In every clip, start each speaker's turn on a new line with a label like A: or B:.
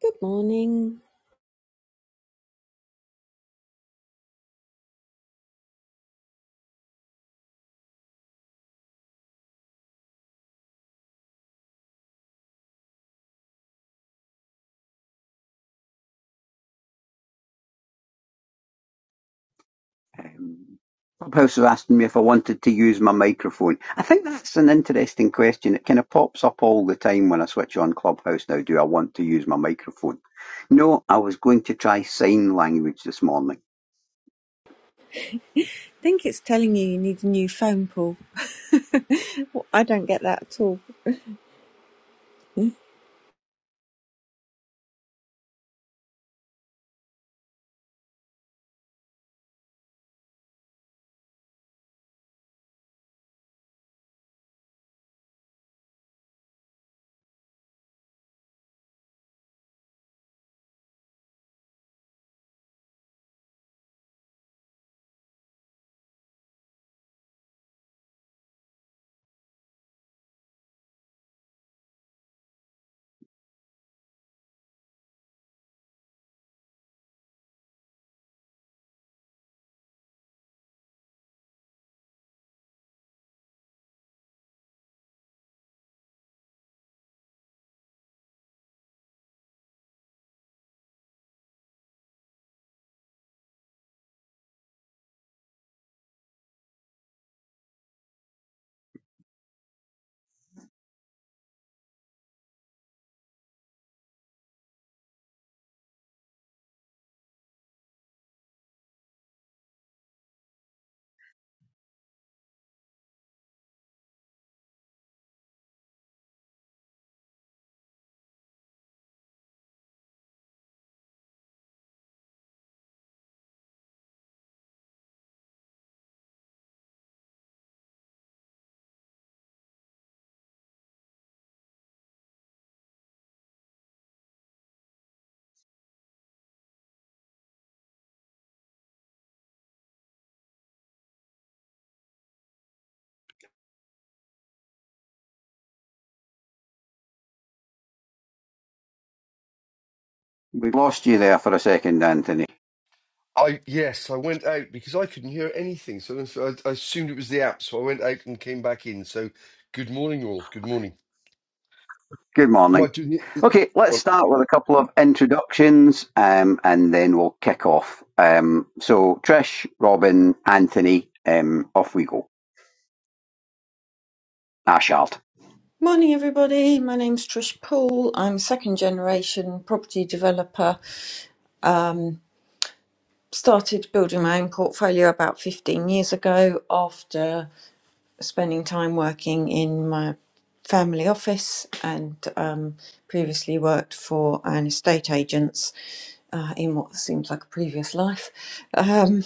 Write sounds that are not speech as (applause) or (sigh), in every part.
A: Good morning.
B: Um, Clubhouse was asking me if I wanted to use my microphone. I think that's an interesting question. It kind of pops up all the time when I switch on Clubhouse now. Do I want to use my microphone? No, I was going to try sign language this morning.
A: I think it's telling you you need a new phone, Paul. (laughs) Well, I don't get that at all.
B: We lost you there for a second, Anthony.
C: I yes, I went out because I couldn't hear anything, so so I, I assumed it was the app. So I went out and came back in. So good morning, all. Good morning.
B: Good
C: Am I
B: morning.
C: doing it?
B: Okay, let's
C: go on.
B: start with a couple of introductions um, and then we'll kick off. Um, so, Trish, Robin, Anthony, um, off we go. Ashard.
A: Morning, everybody. My name's Trish Poole. I'm second generation property developer. Um, started building my own portfolio about 15 years ago after. spending time working in my family office and um, previously worked for an estate agent's uh, in what seems like a previous life. Um,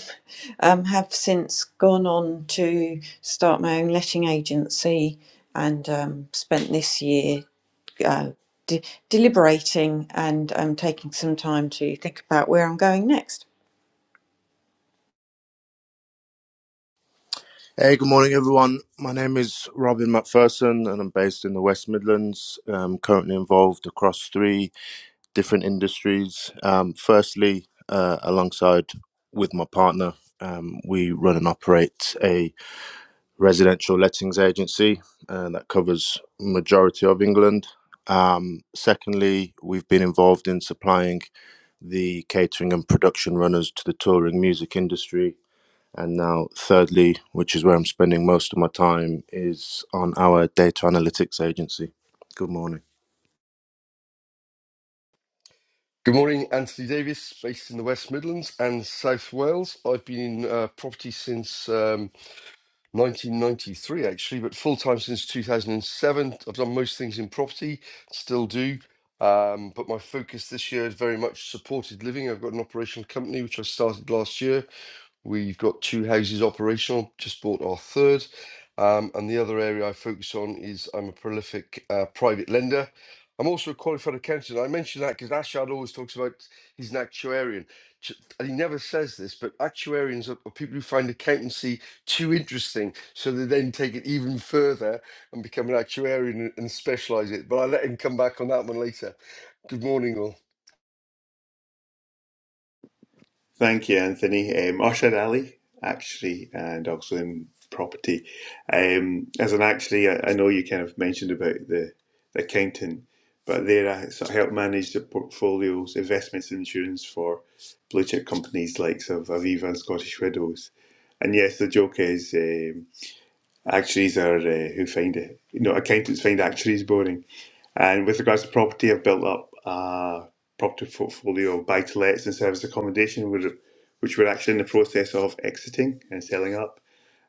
A: um, have since gone on to start my own letting agency and um, spent this year uh, de- deliberating and um, taking some time to think about where I'm going next.
D: Hey, good morning, everyone. My name is Robin McPherson, and I'm based in the West Midlands. Um currently involved across three different industries. Um, firstly, uh, alongside with my partner, um, we run and operate a residential lettings agency uh, that covers majority of England. Um, secondly, we've been involved in supplying the catering and production runners to the touring music industry and now, thirdly, which is where I'm spending most of my time, is on our data analytics agency. Good morning.
C: Good morning, Anthony Davis, based in the West Midlands and South Wales. I've been in uh, property since um, 1993, actually, but full time since 2007. I've done most things in property, still do. Um, but my focus this year is very much supported living. I've got an operational company which I started last year We've got two houses operational, just bought our third. Um, and the other area I focus on is I'm a prolific uh, private lender. I'm also a qualified accountant. I mention that because Ashad always talks about he's an actuarian. And he never says this, but actuarians are, are people who find accountancy too interesting. So they then take it even further and become an actuarian and, and specialize it. But I'll let him come back on that one later. Good morning, all.
E: Thank you, Anthony. Um, Usher Ali, actually, and also in property. Um, as an actuary, I, I know you kind of mentioned about the, the accountant, but there I sort of help manage the portfolios, investments, and insurance for blue chip companies likes of Aviva and Scottish Widows. And yes, the joke is. Um, Actuaries are uh, who find it, you know, accountants find actuaries boring. And with regards to property, I've built up a property portfolio of buy to lets and service accommodation, which which we're actually in the process of exiting and selling up.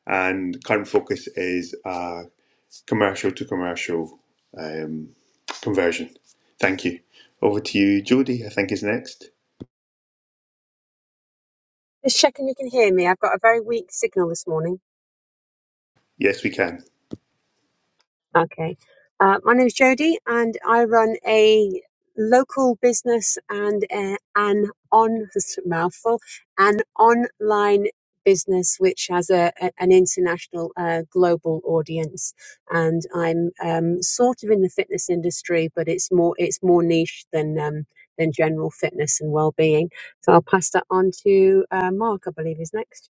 E: And the current focus is uh, commercial to commercial um, conversion. Thank you. Over to you, Jody, I think is next.
F: Just checking you can hear me. I've got a very weak signal this morning.
E: Yes, we can.
F: Okay. Uh, my name's Jody, and I run a local business and uh, an on (laughs) this is a mouthful an online business which has a, a- an international uh, global audience. And I'm um, sort of in the fitness industry, but it's more it's more niche than um, than general fitness and well being. So I'll pass that on to uh, Mark. I believe is next.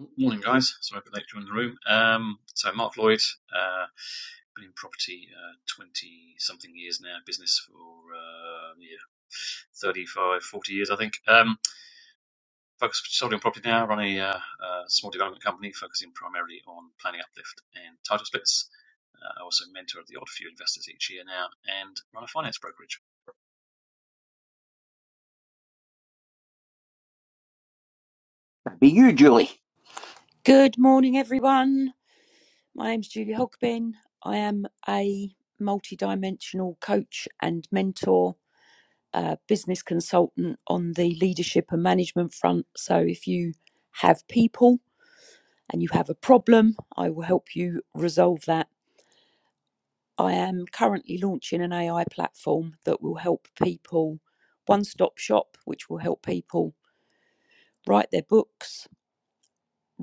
G: Oh, Morning, guys. Sorry for late joining the room. Um, so Mark Lloyd, uh, been in property uh, 20 something years now, business for uh, yeah, 35, 40 years, I think. Um, focus solely on property now. Run a, uh, uh small development company focusing primarily on planning uplift and title splits. Uh, I also mentor the odd few investors each year now and run a finance brokerage.
B: That'd Be you, Julie.
H: Good morning, everyone. My name's Julie Hogbin. I am a multidimensional coach and mentor, uh, business consultant on the leadership and management front. So, if you have people and you have a problem, I will help you resolve that. I am currently launching an AI platform that will help people, one stop shop, which will help people write their books,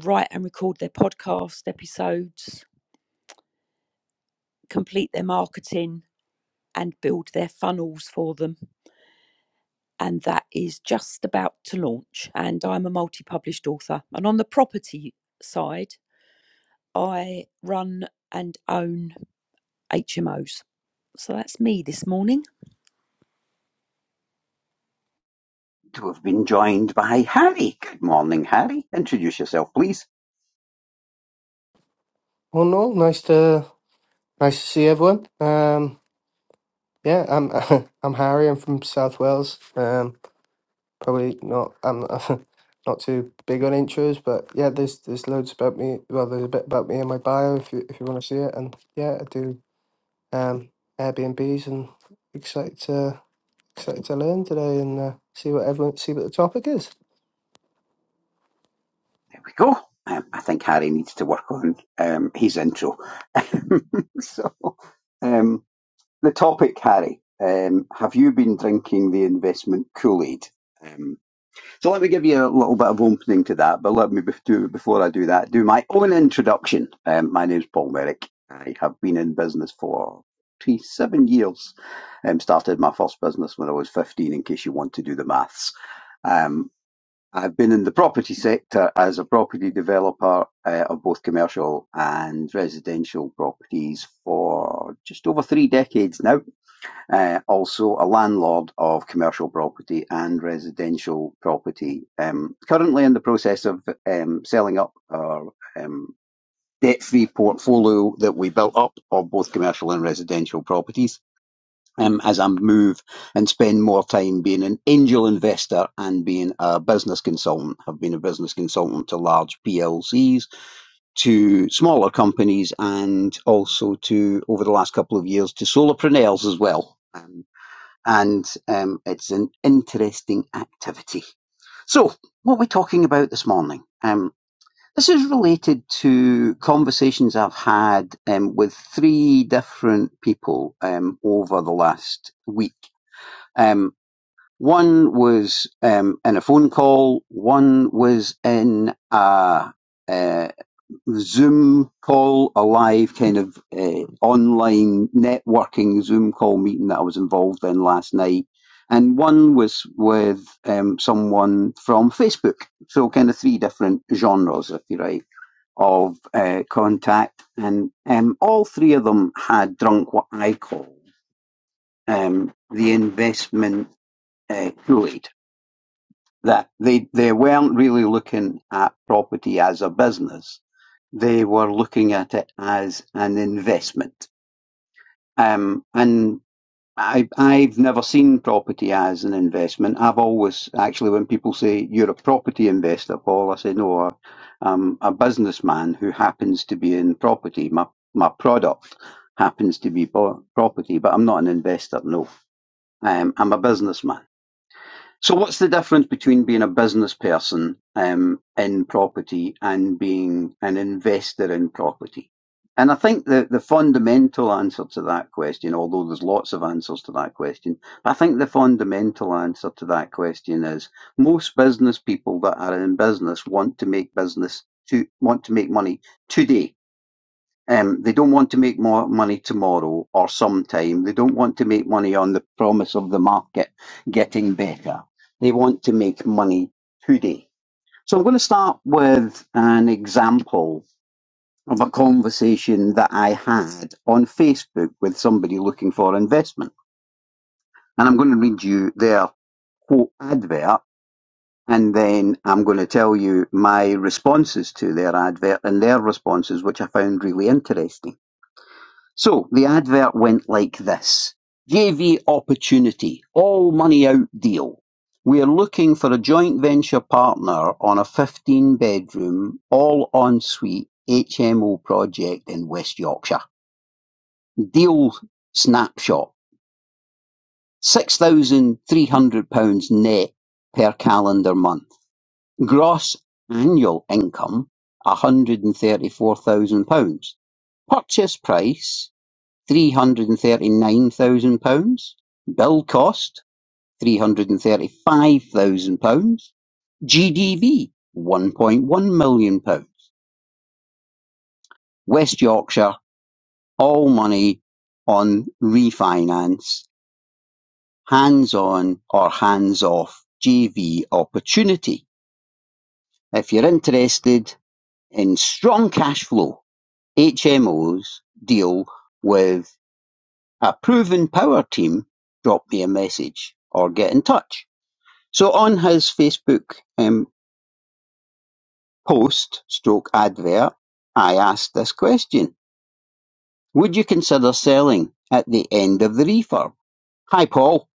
H: write and record their podcast episodes, complete their marketing and build their funnels for them. And that is just about to launch. And I'm a multi published author. And on the property side, I run and own HMOs. So that's me this morning.
B: to have been joined by Harry. Good morning, Harry. Introduce yourself, please.
I: Well, no, nice to nice to see everyone. Um, yeah, I'm (laughs) I'm Harry. I'm from South Wales. Um, probably not. I'm not, (laughs) not too big on intros, but yeah, there's there's loads about me. Well, there's a bit about me in my bio if you if you want to see it. And yeah, I do um Airbnbs and excited to excited to learn today and uh, see what everyone see what the topic is.
B: There we go. Um, I think Harry needs to work on um, his intro. (laughs) so, um, the topic, Harry. Um, have you been drinking the investment Kool Aid? So let me give you a little bit of opening to that, but let me do before I do that, do my own introduction. Um, my name's Paul Merrick. I have been in business for twenty-seven years. Um, started my first business when I was 15, in case you want to do the maths. Um, I've been in the property sector as a property developer uh, of both commercial and residential properties for just over three decades now uh, also a landlord of commercial property and residential property. Um, currently in the process of um, selling up our um, debt-free portfolio that we built up of both commercial and residential properties. Um, as I move and spend more time being an angel investor and being a business consultant, I've been a business consultant to large PLCs, to smaller companies, and also to over the last couple of years to solopreneurs as well and um, it's an interesting activity. So, what are we talking about this morning? Um, this is related to conversations I've had um, with three different people um, over the last week. Um, one was um, in a phone call, one was in a, uh Zoom call, a live kind of uh, online networking Zoom call meeting that I was involved in last night. And one was with um, someone from Facebook. So, kind of three different genres, if you like, of uh, contact. And um, all three of them had drunk what I call um, the investment uh, Kool Aid. That they, they weren't really looking at property as a business they were looking at it as an investment. Um, and I, I've never seen property as an investment. I've always, actually, when people say you're a property investor, Paul, I say, no, I'm a businessman who happens to be in property. My, my product happens to be bo- property, but I'm not an investor, no. Um, I'm a businessman. So what's the difference between being a business person um, in property and being an investor in property? And I think the, the fundamental answer to that question, although there's lots of answers to that question, but I think the fundamental answer to that question is most business people that are in business want to make business to want to make money today um, they don't want to make more money tomorrow or sometime. They don't want to make money on the promise of the market getting better. They want to make money today. So I'm going to start with an example of a conversation that I had on Facebook with somebody looking for investment. And I'm going to read you their quote advert and then I'm going to tell you my responses to their advert and their responses, which I found really interesting. So the advert went like this JV Opportunity, all money out deal. We're looking for a joint venture partner on a 15 bedroom, all ensuite HMO project in West Yorkshire. Deal snapshot £6,300 net per calendar month. Gross annual income £134,000. Purchase price three hundred and thirty-nine thousand pounds, bill cost three hundred and thirty-five thousand pounds, GDV one point one million pounds, West Yorkshire, all money on refinance, hands on or hands off JV opportunity. If you're interested in strong cash flow, HMOs deal with a proven power team, drop me a message or get in touch. So on his Facebook um, post stroke advert, I asked this question. Would you consider selling at the end of the refurb? Hi, Paul.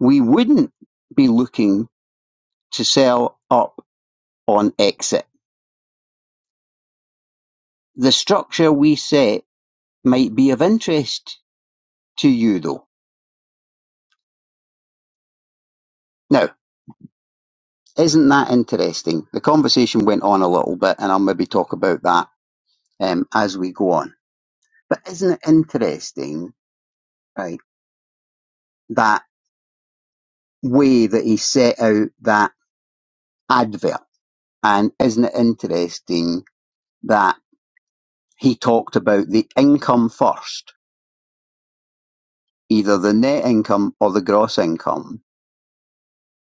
B: We wouldn't be looking to sell up on exit. The structure we set might be of interest to you though. Now, isn't that interesting? The conversation went on a little bit and I'll maybe talk about that um, as we go on. But isn't it interesting, right, that way that he set out that advert. And isn't it interesting that he talked about the income first, either the net income or the gross income,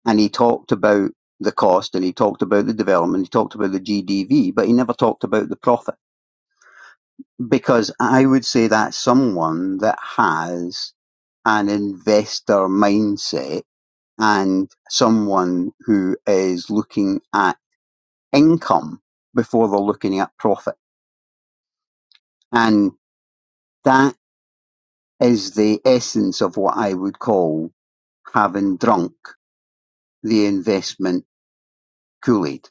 B: and he talked about the cost and he talked about the development, he talked about the GDV, but he never talked about the profit. Because I would say that's someone that has an investor mindset and someone who is looking at income before they're looking at profit And that is the essence of what I would call having drunk the investment Kool-Aid.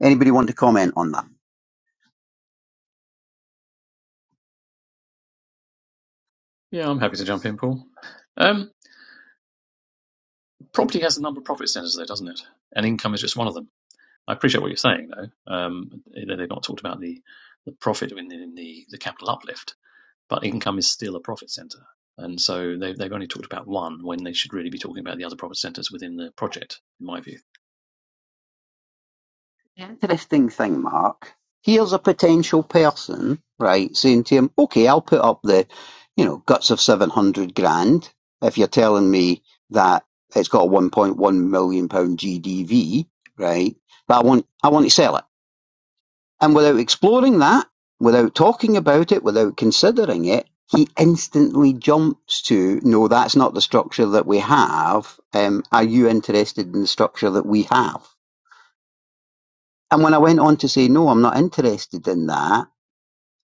B: Anybody want to comment on that?
G: Yeah, I'm happy to jump in, Paul. Um, property has a number of profit centers, there, doesn't it? And income is just one of them. I appreciate what you're saying, though. Um, they- have not talked about the the profit in the, in the the capital uplift, but income is still a profit center, and so they've they've only talked about one when they should really be talking about the other profit centers within the project, in my view.
B: The interesting thing, Mark, here's a potential person, right, saying to him, okay, I'll put up the, you know, guts of 700 grand if you're telling me that it's got a 1.1 million pound GDV, right, but I want, I want to sell it. And without exploring that, without talking about it, without considering it, he instantly jumps to, no, that's not the structure that we have. Um, are you interested in the structure that we have? And when I went on to say, no, I'm not interested in that,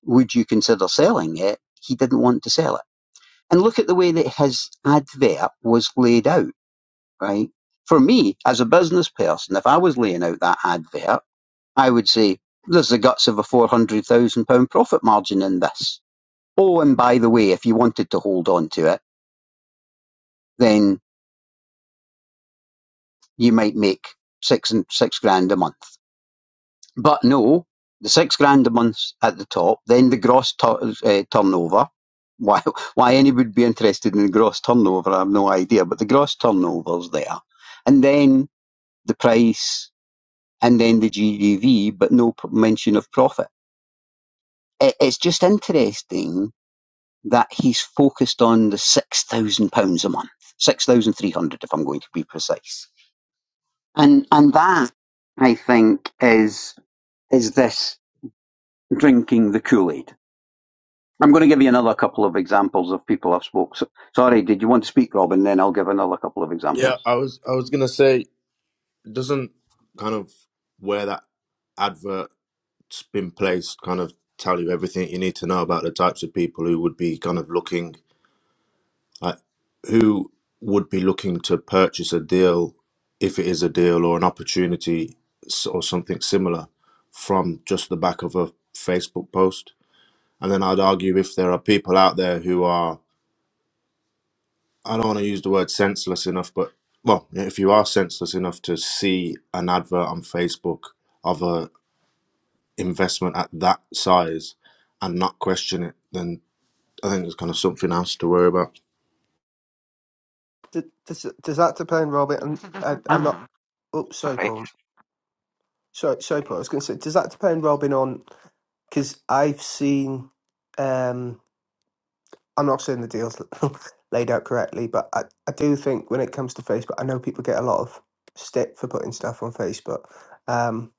B: would you consider selling it? He didn't want to sell it. And look at the way that his advert was laid out, right? For me, as a business person, if I was laying out that advert, I would say, there's the guts of a £400,000 profit margin in this. Oh, and by the way, if you wanted to hold on to it, then you might make six and six grand a month. But no, the six grand a month at the top, then the gross tu- uh, turnover. Why, (laughs) why anybody would be interested in the gross turnover, I have no idea, but the gross turnover's there. And then the price, and then the GDV, but no p- mention of profit. It, it's just interesting that he's focused on the £6,000 a month, 6300 if I'm going to be precise. And, and that, I think, is, is this drinking the Kool-Aid I'm going to give you another couple of examples of people I've spoke. So, sorry, did you want to speak, Robin? Then I'll give another couple of
D: Yeah,
B: examples.
D: I was I was gonna say, doesn't kind of where that advert's been placed kind of tell you everything you need to know about the types of people who would be kind of looking like who would be looking to purchase a deal if it is a deal or an opportunity s- or something similar from just the back of a Facebook post? And then I'd argue if there are people out there who are, I don't want to use the word senseless enough, but well, if you are senseless enough to see an advert on Facebook of a investment at that size and not question it, then I think there's kind of something else to worry about.
I: D- Does does that depend, Robin? And I, I'm not.
B: Ah,
I: Oh, sorry,
B: sorry.
I: Paul. Sorry, sorry, Paul. I was going to say, does that depend, Robin, on because I've seen. Um, I'm not saying the deals (laughs) laid out correctly, but I, I do think when it comes to Facebook, I know people get a lot of stick for putting stuff on Facebook. Um,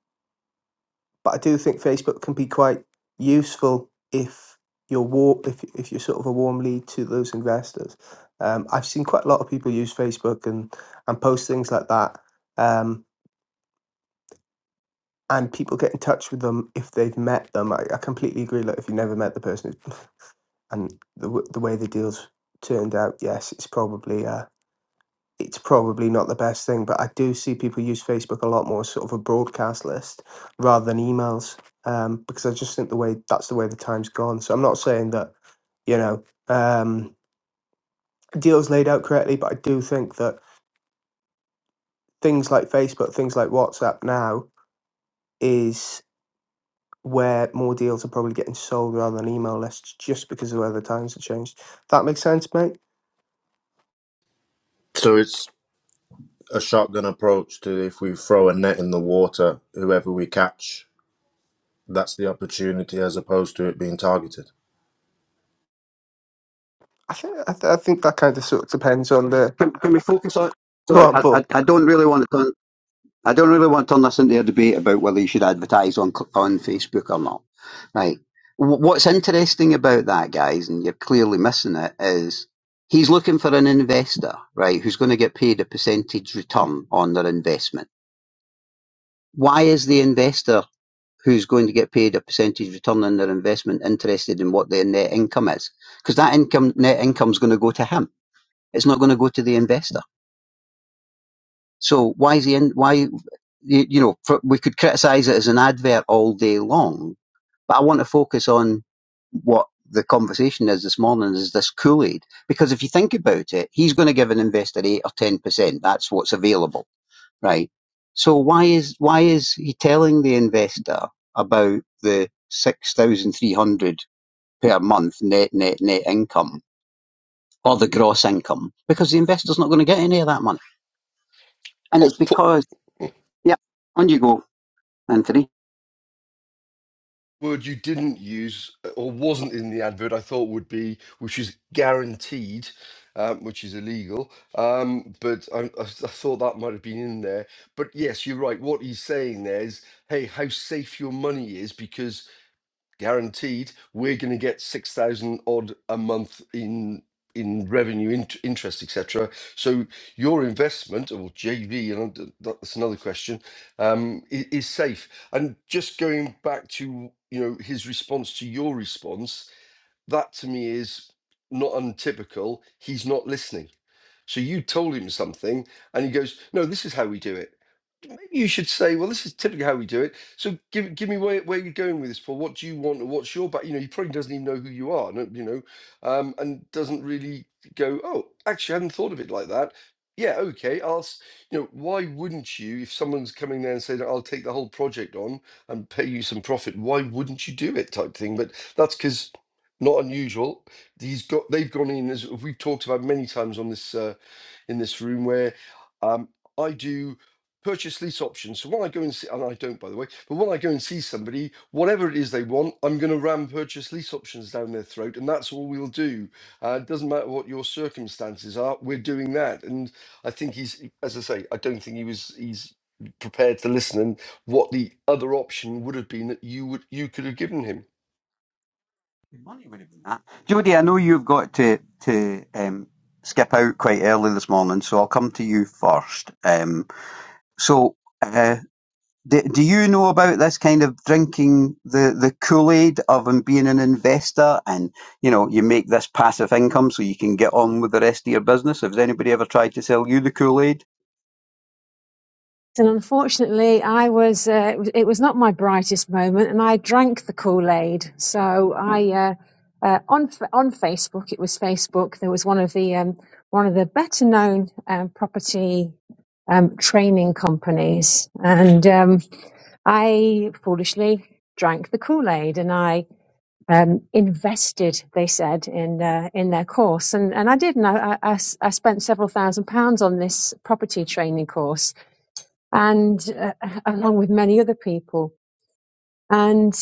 I: but I do think Facebook can be quite useful if you're war if if you're sort of a warm lead to those investors. Um, I've seen quite a lot of people use Facebook and and post things like that. Um, and people get in touch with them if they've met them. I, I completely agree. Like if you've never met the person, and the w- the way the deals turned out, yes, it's probably uh, it's probably not the best thing. But I do see people use Facebook a lot more, as sort of a broadcast list rather than emails, um, because I just think the way that's the way the time's gone. So I'm not saying that you know um, deals laid out correctly, but I do think that things like Facebook, things like WhatsApp now is where more deals are probably getting sold rather than email lists just because of where the times have changed. That makes sense, mate.
D: So it's a shotgun approach to if we throw a net in the water, whoever we catch, that's the opportunity as opposed to it being targeted.
I: I think I, th- I think that kind of sort of depends on the
B: Can, can we focus on?
I: (laughs) go
B: Sorry,
I: on,
B: I,
I: Paul.
B: I, I don't really want to turn. I don't really want to turn this into a debate about whether you should advertise on c- on Facebook or not. Right. Wh- What's interesting about that, guys, and you're clearly missing it, is he's looking for an investor, right, who's going to get paid a percentage return on their investment. Why is the investor who's going to get paid a percentage return on their investment interested in what their net income is. Because that income, net income is going to go to him. It's not going to go to the investor. So why is he in, why, you, know, for, we could criticize it as an advert all day long, but I want to focus on what the conversation is this morning is this Kool-Aid. Because if you think about it, he's going to give an investor eight or 10%. That's what's available right? So why is why is he telling the investor about the six thousand three hundred per month net net net income or the gross income? Because the investor's not going to get any of that money, and it's
C: Oh.
B: because yeah, on you go, Anthony.
C: word you didn't use uh, or wasn't in the advert I thought would be, which is guaranteed, um, which is illegal. Um, but I, I s- I thought that might have been in there. But yes, you're right. What he's saying there is, hey, how safe your money is because guaranteed we're going to get 6000 odd a month in in revenue int interest etc so your investment or jv and I d- that's another question um is, is safe and just going back to you know his response to your response that to me is not untypical he's not listening so you told him something and he goes no this is how we do it Maybe you should say, well, this is typically how we do it. So give give me where, where you're going with this, Paul. What do you want? Or what's your back? You know, he probably doesn't even know who you are, no- you know, um, and doesn't really go, oh, actually, I hadn't thought of it like that. Yeah, okay, I'll, s- you know, why wouldn't you, if someone's coming there and saying, I'll take the whole project on and pay you some profit, why wouldn't you do it type thing? But that's because not unusual. He's got, they've gone in, as we've talked about many times on this, uh, in this room where um, I do purchase lease options. So when I go and see, and I don't, by the way, but when I go and see somebody, whatever it is they want, I'm going to ram purchase lease options down their throat, and that's all we'll do. Uh, it doesn't matter what your circumstances are, we're doing that. And I think he's, as I say, I don't think he was, he's prepared to listen and what the other option would have been that you would you could have given him.
B: Money would have been that. Jody, I know you've got to to um, skip out quite early this morning, so I'll come to you first. Um, so. Uh, Do, do you know about this kind of drinking the, the Kool-Aid of and being an investor and, you know, you make this passive income so you can get on with the rest of your business? Has anybody ever tried to sell you the Kool-Aid?
F: And unfortunately, I was uh, it was not my brightest moment, and I drank the Kool Aid. So I uh, uh, on on Facebook, it was Facebook. There was one of the um, one of the better known um, property um, training companies, and um, I foolishly drank the Kool Aid, and I um, invested. They said in uh, in their course, and and I did, and I I I spent several thousand pounds on this property training course and uh, along with many other people. And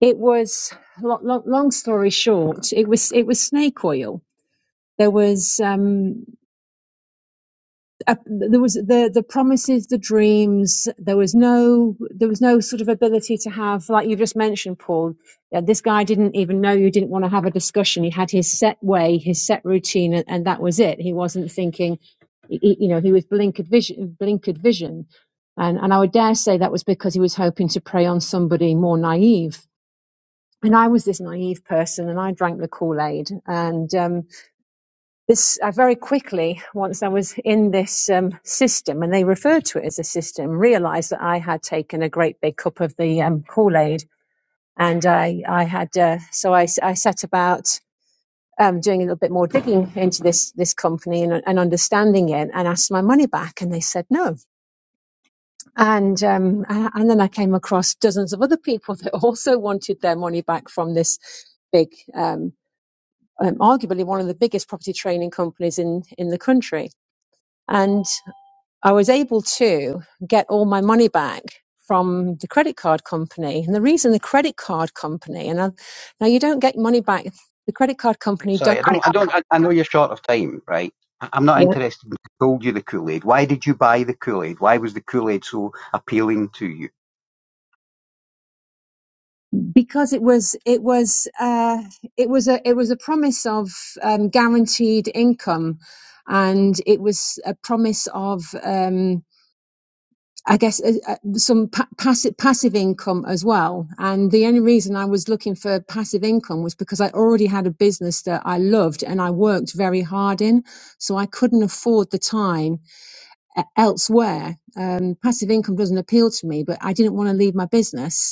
F: it was long, long story short, it was it was snake oil. There was um, uh, there was the the promises, the dreams. There was no there was no sort of ability to have, like you just mentioned, Paul. That this guy didn't even know you didn't want to have a discussion. He had his set way, his set routine, and, and that was it. He wasn't thinking. he- You know, he was blinkered vision, blinkered vision, and and I would dare say that was because he was hoping to prey on somebody more naive. And I was this naive person, and I drank the Kool Aid, and um, this I very quickly, once I was in this um, system, and they referred to it as a system, realised that I had taken a great big cup of the um, Kool Aid, and I I had uh, so I I set about um, doing a little bit more digging into this this company and, and understanding it, and asked my money back, and they said no, and um, and then I came across dozens of other people (laughs) that also wanted their money back from this big. Um, um, arguably one of the biggest property training companies in, in the country. and. I was able to get all my money back from the credit card company. And the reason the credit card company, and I, now you don't get money back. The credit card
B: Right,
F: company
B: Sorry,
F: don't.
B: I I, don't, I don't, I, I know you're short of time, right? I- I'm not
F: Yeah.
B: interested in who sold you the Kool-Aid. Why did you buy the Kool-Aid? Why was the Kool-Aid so appealing to you?
F: Because it was, it was, uh, it was a, it was a promise of um, guaranteed income, and it was a promise of. Um, I guess uh, uh, some pa- passive passive income as well. And the only reason I was looking for passive income was because I already had a business that I loved and I worked very hard in, so I couldn't afford the time uh, elsewhere. Um, passive income doesn't appeal to me, but I didn't want to leave my business,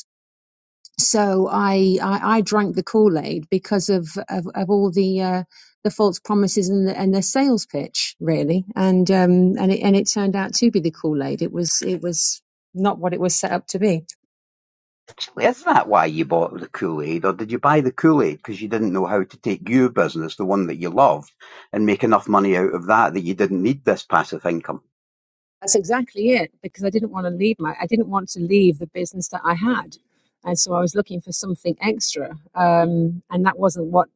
F: so I, I I drank the Kool Aid because of, of of all the uh, the false promises and the, and the sales pitch really, and um and it and it turned out to be the Kool Aid. It was it was not what it was set up to be.
B: Actually, is that why you bought the Kool-Aid? Or did you buy the Kool-Aid because you didn't know how to take your business, the one that you loved, and make enough money out of that that you didn't need this passive income?
F: That's exactly it because I didn't want to leave my I didn't want to leave the business that I had, and so I was looking for something extra, um, and that wasn't what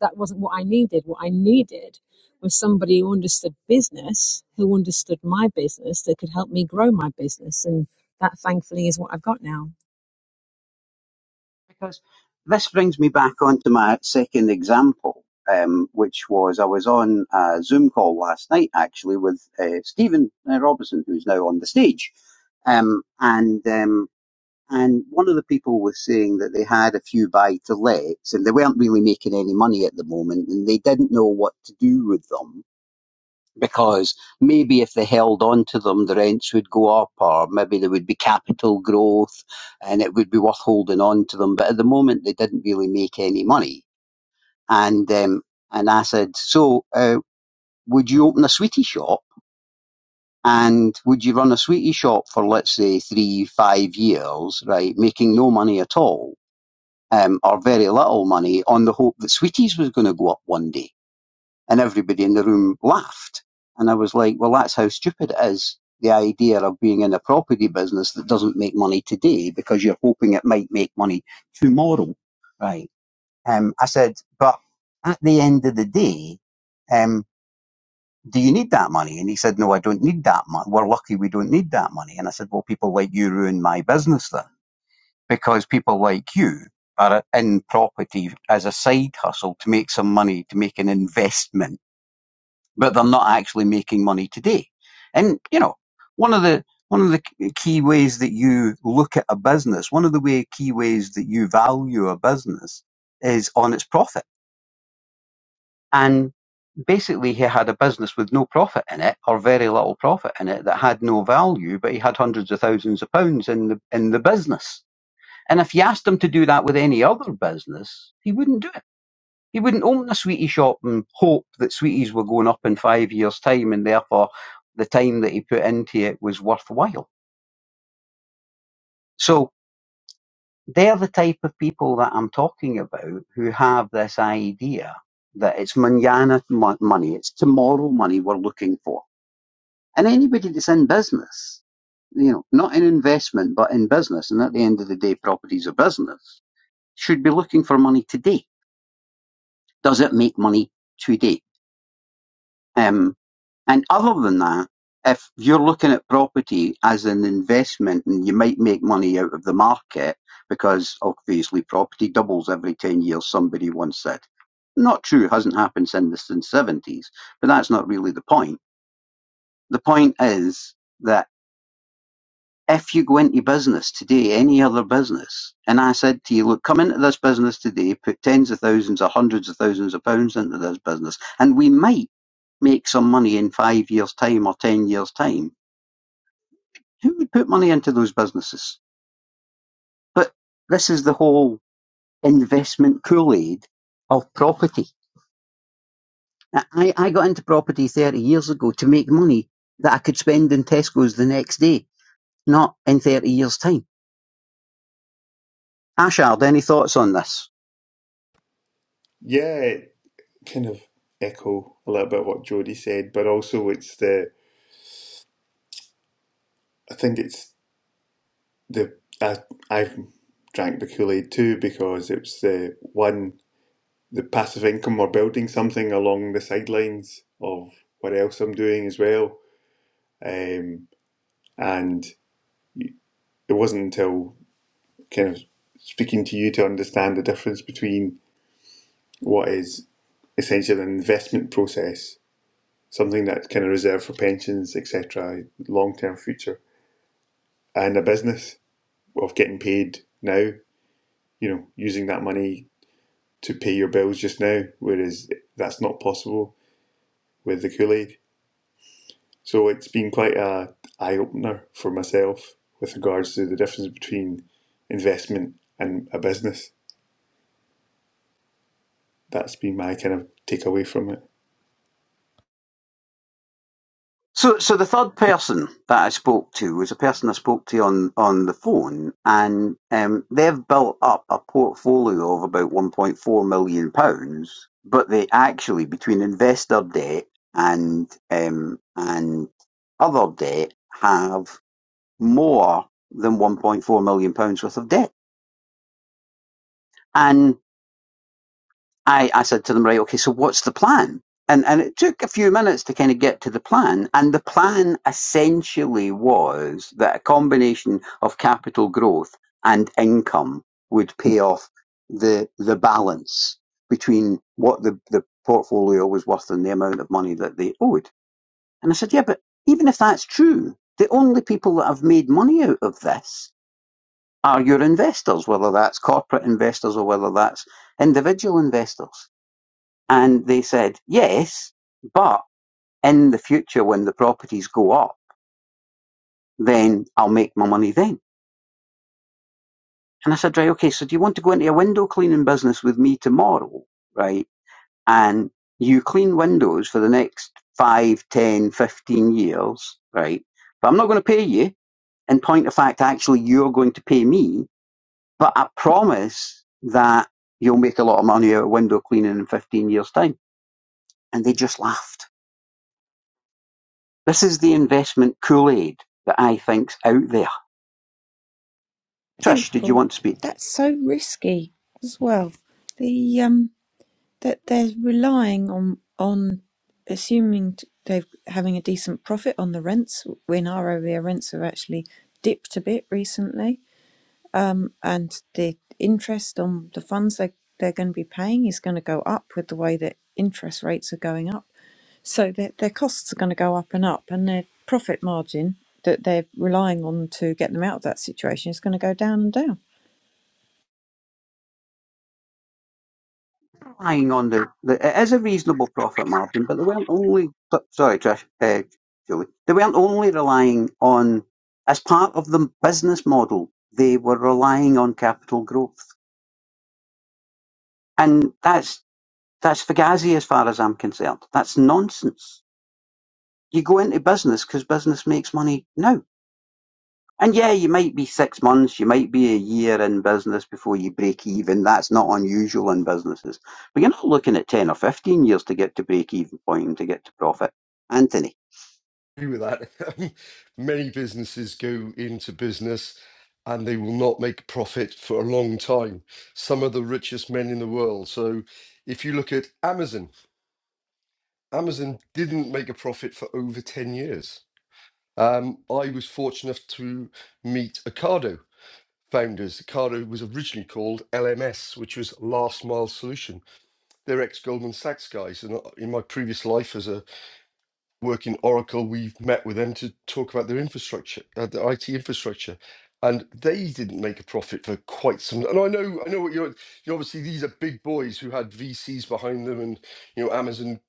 F: that wasn't what I needed. What I needed was somebody who understood business, who understood my business, that could help me grow my business. And that thankfully is what I've got now.
B: Because this brings me back onto my second example, um, which was I was on a Zoom call last night actually with uh, Stephen uh, Robinson, who's now on the stage, um, and um, And one of the people was saying that they had a few buy to lets and they weren't really making any money at the moment and they didn't know what to do with them because maybe if they held on to them, the rents would go up or maybe there would be capital growth and it would be worth holding on to them. But at the moment, they didn't really make any money. And, um, and I said, so, uh, would you open a sweetie shop? And would you run a sweetie shop for, let's say, three, five years, right, making no money at all? um, or very little money on the hope that Sweeties was going to go up one day. And everybody in the room laughed. And I was like, well, that's how stupid it is. The idea of being in a property business that doesn't make money today because you're hoping it might make money tomorrow. Right. Um, I said, but at the end of the day, um, do you need that money? And he said, no, I don't need that money. We're lucky we don't need that money. And I said, well, people like you ruin my business then because people like you are in property as a side hustle to make some money, to make an investment, but they're not actually making money today. And, you know, one of the, one of the key ways that you look at a business, one of the way, key ways that you value a business is on its profit. And basically he had a business with no profit in it or very little profit in it that had no value, but he had hundreds of thousands of pounds in the, in the business and if you asked him to do that with any other business, he wouldn't do it. He wouldn't open a sweetie shop and hope that sweeties were going up in five years' time and therefore the time that he put into it was worthwhile. So they're the type of people that I'm talking about who have this idea that it's manana money, it's tomorrow money we're looking for. And anybody that's in business, you know, not in investment, but in business, and at the end of the day, properties are business, should be looking for money today does it make money today? Um, and other than that, if you're looking at property as an investment and you might make money out of the market, because obviously property doubles every 10 years, somebody once said. Not true, hasn't happened since the 70s, but that's not really the point. The point is that if you go into business today, any other business, and I said to you, look, come into this business today, put tens of thousands or hundreds of thousands of pounds into this business, and we might make some money in five years' time or ten years' time, who would put money into those businesses? But this is the whole investment Kool Aid of property. I, I got into property 30 years ago to make money that I could spend in Tesco's the next day, not in 30 years' time. Ashard, any thoughts on this?
E: Yeah, kind of echo a little bit of what Jody said, but also it's the, I think it's the I I drank the Kool Aid too because it's the one the passive income or building something along the sidelines of what else I'm doing as well. Um, and it wasn't until kind of speaking to you to understand the difference between what is essentially an investment process, something that's kind of reserved for pensions, etc., long term future, and a business of getting paid now. You know, using that money to pay your bills just now, whereas that's not possible with the Kool Aid. So it's been quite a eye opener for myself with regards to the difference between investment and a business. That's been my kind of takeaway from it.
B: So, so the third person that I spoke to was a person I spoke to on, on the phone, and um, they've built up a portfolio of about £1.4 million, pounds, but they actually, between investor debt and, um, and other debt, have more than £1.4 million pounds worth of debt. And I, I said to them, right, okay, so what's the plan? And, and it took a few minutes to kind of get to the plan. And the plan essentially was that a combination of capital growth and income would pay off the, the balance between what the, the portfolio was worth and the amount of money that they owed. And I said, yeah, but even if that's true, the only people that have made money out of this are your investors, whether that's corporate investors or whether that's individual investors. And they said, yes, but in the future when the properties go up, then I'll make my money then. And I said, right, okay, so do you want to go into a window cleaning business with me tomorrow, right? And you clean windows for the next five, ten, fifteen years, right? But I'm not going to pay you. In point of fact, actually, you're going to pay me. But I promise that you'll make a lot of money out of window cleaning in 15 years' time. And they just laughed This is the investment Kool-Aid that I think's out there.
A: Thank
B: Trish,
A: you,
B: did you
A: Paul.
B: want to speak?
A: That's so risky as well. The um, that they're relying on on assuming t- they're having a decent profit on the rents. In our area, rents have actually dipped a bit recently, um, and the interest on the funds they they're going to be paying is going to go up with the way that interest rates are going up. So their their costs are going to go up and up, and their profit margin that they're relying on to get them out of that situation is going to go down and down.
B: Relying on the, the it is a reasonable profit margin, but they weren't only so- sorry, Trish, uh, Julie. They weren't only relying on as part of the business model. They were relying on capital growth, and that's that's fugazi as far as I'm concerned. That's nonsense. You go into business because business makes money now And yeah, you might be six months, you might be a year in business before you break even. That's not unusual in businesses. But you're not looking at 10 or 15 years to get to break even point and to get to profit. Anthony.
C: agree with that. (laughs) Many businesses go into business and they will not make profit for a long time. Some of the richest men in the world. So if you look at Amazon, Amazon didn't make a profit for over 10 years. Um, I was fortunate enough to meet Ocado founders. Ocado was originally called LMS, which was Last Mile Solution. They're ex Goldman Sachs guys. And uh, in my previous life as a work in Oracle, we've met with them to talk about their infrastructure, uh, their IT infrastructure, and they didn't make a profit for quite some. And I know, I know what you're. You know, obviously, these are big boys who had VCs behind them, and you know, Amazon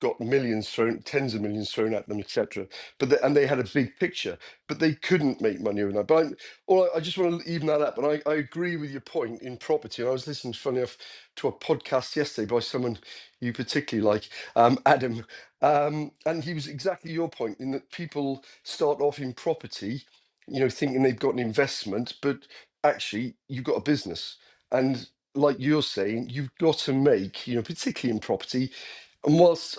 C: got millions thrown, tens of millions thrown at them, etc. But they, and they had a big picture, but they couldn't make money overnight. But I'm, or I I just want to even that up, and I, I agree with your point in property. And I was listening, funny enough, to a podcast yesterday by someone you particularly like, um, Adam, um, and he was exactly your point in that people start off in property, you know, thinking they've got an investment, but actually you've got a business and. Like you're saying, you've got to make, you know, particularly in property, and whilst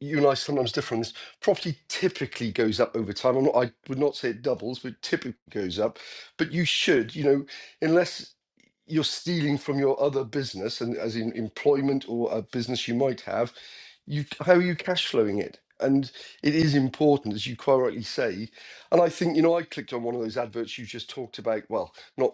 C: you and I sometimes differ on this. Property typically goes up over time. I'm not, I would not say it doubles, but typically goes up. But you should, you know, unless you're stealing from your other business, and as in employment or a business you might have, you how are you cash flowing it? And it is important, as you quite rightly say. And I think, you know, I clicked on one of those adverts you just talked about. Well, not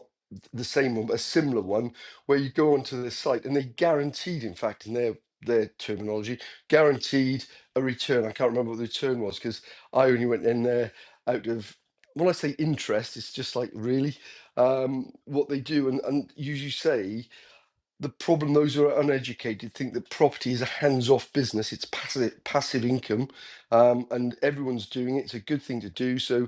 C: the same one, but a similar one, where you go onto the site and they guaranteed, in fact, in their their terminology, guaranteed a return. I can't remember what the return was because I only went in there out of when I say interest, it's just like really um, what they do. And, and you, you say the problem those who are uneducated think that property is a hands-off business. It's passive passive income, um, and everyone's doing it. It's a good thing to do. So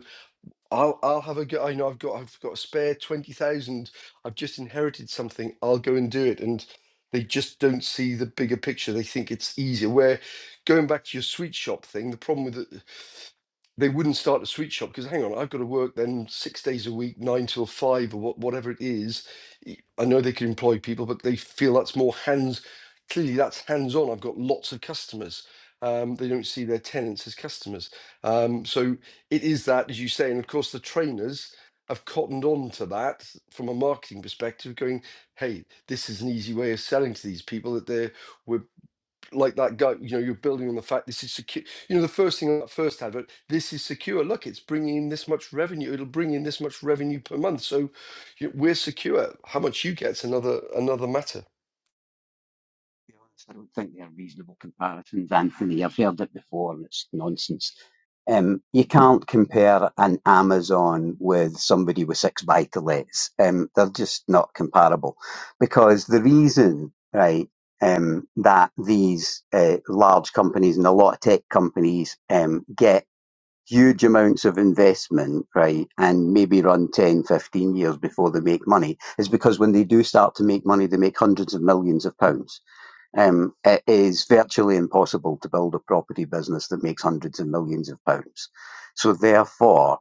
C: I'll I'll have a go. I know I've got I've got a spare twenty thousand. I've just inherited something. I'll go and do it. And they just don't see the bigger picture. They think it's easier. Where going back to your sweet shop thing, the problem with it, they wouldn't start a sweet shop because hang on, I've got to work then six days a week, nine till five or what, whatever it is. Y- I know they can employ people, but they feel that's more hands. Clearly, that's hands on. I've got lots of customers. Um, they don't see their tenants as customers. Um, so it is that, as you say, and of course the trainers have cottoned on to that from a marketing perspective, going, "Hey, this is an easy way of selling to these people that they're we're like that guy. You know, you're building on the fact this is secure. You know, the first thing on that first advert, this is secure. Look, it's bringing in this much revenue. It'll bring in this much revenue per month. So you we're secure. How much you get's another another matter."
B: I don't think they're reasonable comparisons, Anthony. I've heard it before and it's nonsense. Um, you can't compare an Amazon with somebody with six buy to lets. Um, they're just not comparable because the reason, right, um, that these uh, large companies and a lot of tech companies um, get huge amounts of investment, right, and maybe run 10, 15 years before they make money is because when they do start to make money, they make hundreds of millions of pounds um, it is virtually impossible to build a property business that makes hundreds of millions of pounds. So therefore,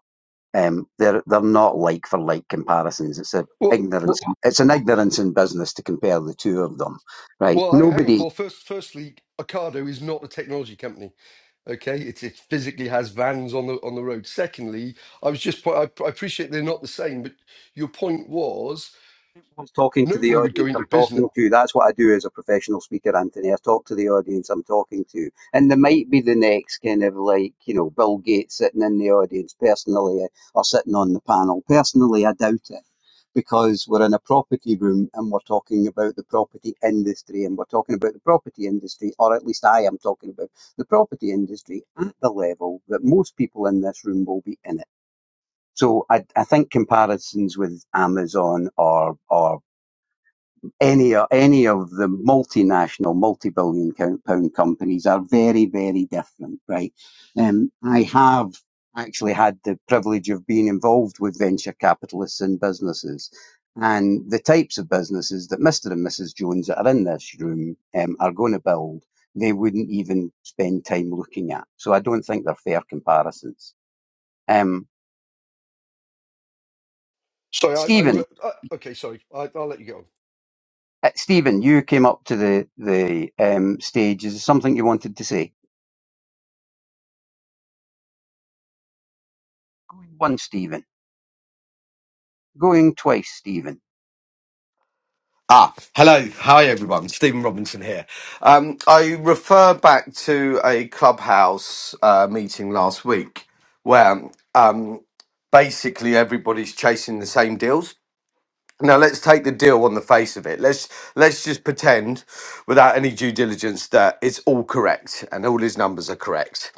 B: um, they're they're not like for like comparisons. It's a
C: Well,
B: ignorance.
C: well,
B: It's an ignorance in business to compare the two of them, right?
C: well. ha- Hang on,
B: Nobody
C: Paul. First, firstly, Ocado is not a technology company Okay, it, it physically has vans on the on the road. Secondly, I was just po- I, I appreciate they're not the same, but your point was
B: always talking to the
C: nobody would go
B: audience.
C: into
B: I'm
C: business.
B: talking to. That's what I do as a professional speaker, Anthony. I talk to the audience I'm talking to. And there might be the next kind of like, you know, Bill Gates sitting in the audience personally uh, or sitting on the panel. Personally, I doubt it because we're in a property room and we're talking about the property industry and we're talking about the property industry, or at least I am talking about the property industry at the level that most people in this room will be in it. So I, I think comparisons with Amazon or or any o- any of the multinational, multi-billion pounds companies are very, very different, right? Um, I have actually had the privilege of being involved with venture capitalists and businesses. And the types of businesses that Mr. and Mrs. Jones that are in this room um, are going to build, they wouldn't even spend time looking at. So I don't think they're fair comparisons. Um,
C: Sorry, I, I, re-
B: Stephen,
C: I okay, sorry, I, I'll let you go.
B: uh, Stephen, you came up to the the um, stage. Is there something you wanted to say? Going once, Stephen. Going twice, Stephen.
J: Ah, hello. Hi, everyone. Stephen Robinson here. Um, I refer back to a clubhouse uh, meeting last week where um, basically everybody's chasing the same deals. Now let's take the deal on the face of it. Let's let's just pretend, without any due diligence, that it's all correct and all his numbers are correct.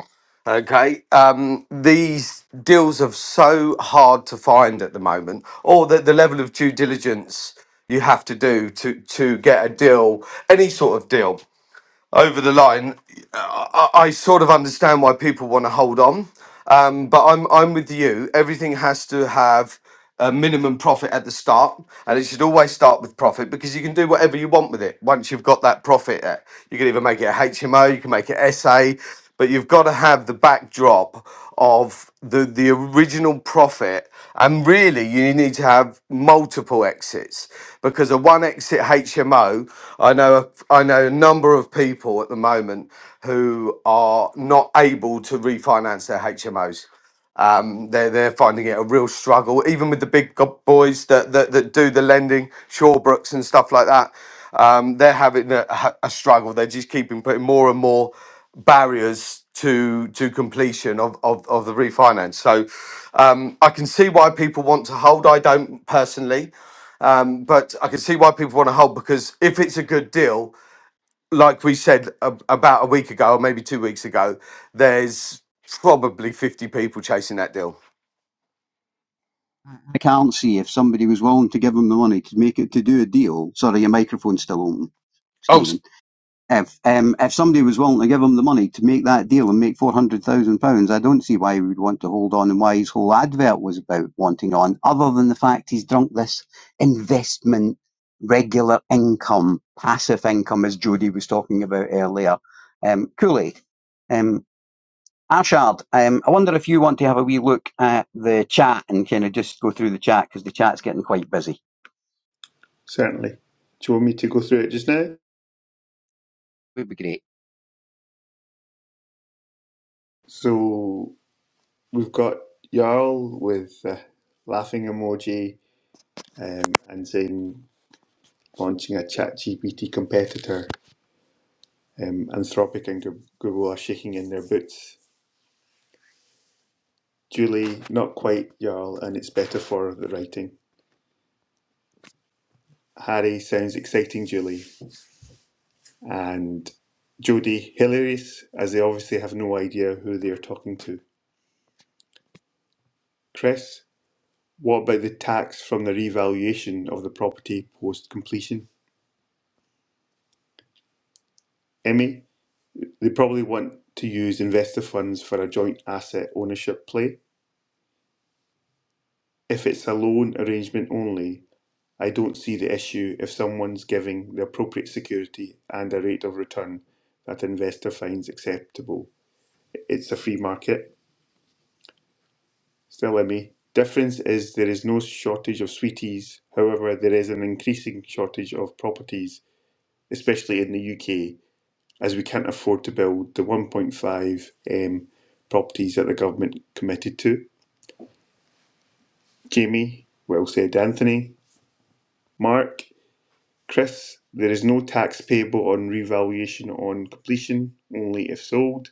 J: Okay, um, these deals are so hard to find at the moment, or that the level of due diligence you have to do to to get a deal, any sort of deal over the line, I, I I sort of understand why people want to hold on. Um, but I'm I'm with you. Everything has to have a minimum profit at the start, and it should always start with profit because you can do whatever you want with it once you've got that profit. uh, You can either make it a HMO, you can make it SA, but you've got to have the backdrop of the the original profit and really you need to have multiple exits because a one exit HMO I know I know a number of people at the moment who are not able to refinance their HMOs um, they're they're finding it a real struggle, even with the big go- boys that that, that do the lending, Shawbrooks and stuff like that. Um, they're having a, a struggle. They're just keeping putting more and more barriers to to completion of of, of the refinance. So um, I can see why people want to hold. I don't personally, but I can see why people want to hold because if it's a good deal, like we said a, about a week ago or maybe two weeks ago, there's probably 50 people chasing that deal.
B: I I can't see if somebody was willing to give him the money to make it to do a deal. Sorry, your microphone's still open,
J: Oh.
B: Stephen. If um, if somebody was willing to give him the money to make that deal and make four hundred thousand pounds, I don't see why he would want to hold on and why his whole advert was about wanting on, other than the fact he's drunk this investment, regular income, passive income, as Jodie was talking about earlier. Um, Kool-Aid. Um, Arshad, um, I wonder if you want to have a wee look at the chat and kind of just go through the chat because the chat's getting quite busy.
E: Certainly. Do you want me to go through it just now?
B: Would be great.
E: So we've got Jarl with a laughing emoji um, and saying launching a ChatGPT competitor. Um, Anthropic and Google are shaking in their boots Julie, not quite, y'all, and it's better for the writing. Harry sounds exciting, Julie. And Jodie, hilarious, as they obviously have no idea who they're talking to. Chris, what about the tax from the revaluation of the property post completion? Emmy, they probably want to use investor funds for a joint asset ownership play. If it's a loan arrangement only, I don't see the issue if someone's giving the appropriate security and a rate of return that an investor finds acceptable. It's a free market. Still ME. Difference is there is no shortage of sweeties. However, there is an increasing shortage of properties, especially in the UK, as we can't afford to build the 1.5 um, properties that the government committed to. Jamie, well said, Anthony. Mark, Chris, there is no tax payable on revaluation on completion, only if sold.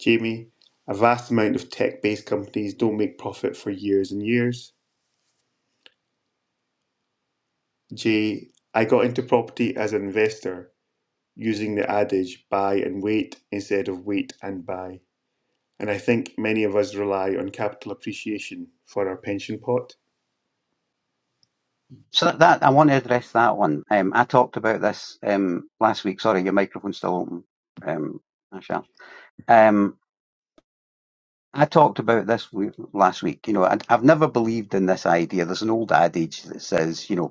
E: Jamie, a vast amount of tech based companies don't make profit for years and years. Jay, I got into property as an investor using the adage buy and wait instead of wait and buy. And I think many of us rely on capital appreciation for our pension pot.
B: So that, that I want to address that one. Um, I talked about this um, last week. Sorry, your microphone's still open, um, Arshad. Um, I talked about this w- last week. You know, I, I've never believed in this idea. There's an old adage that says, you know,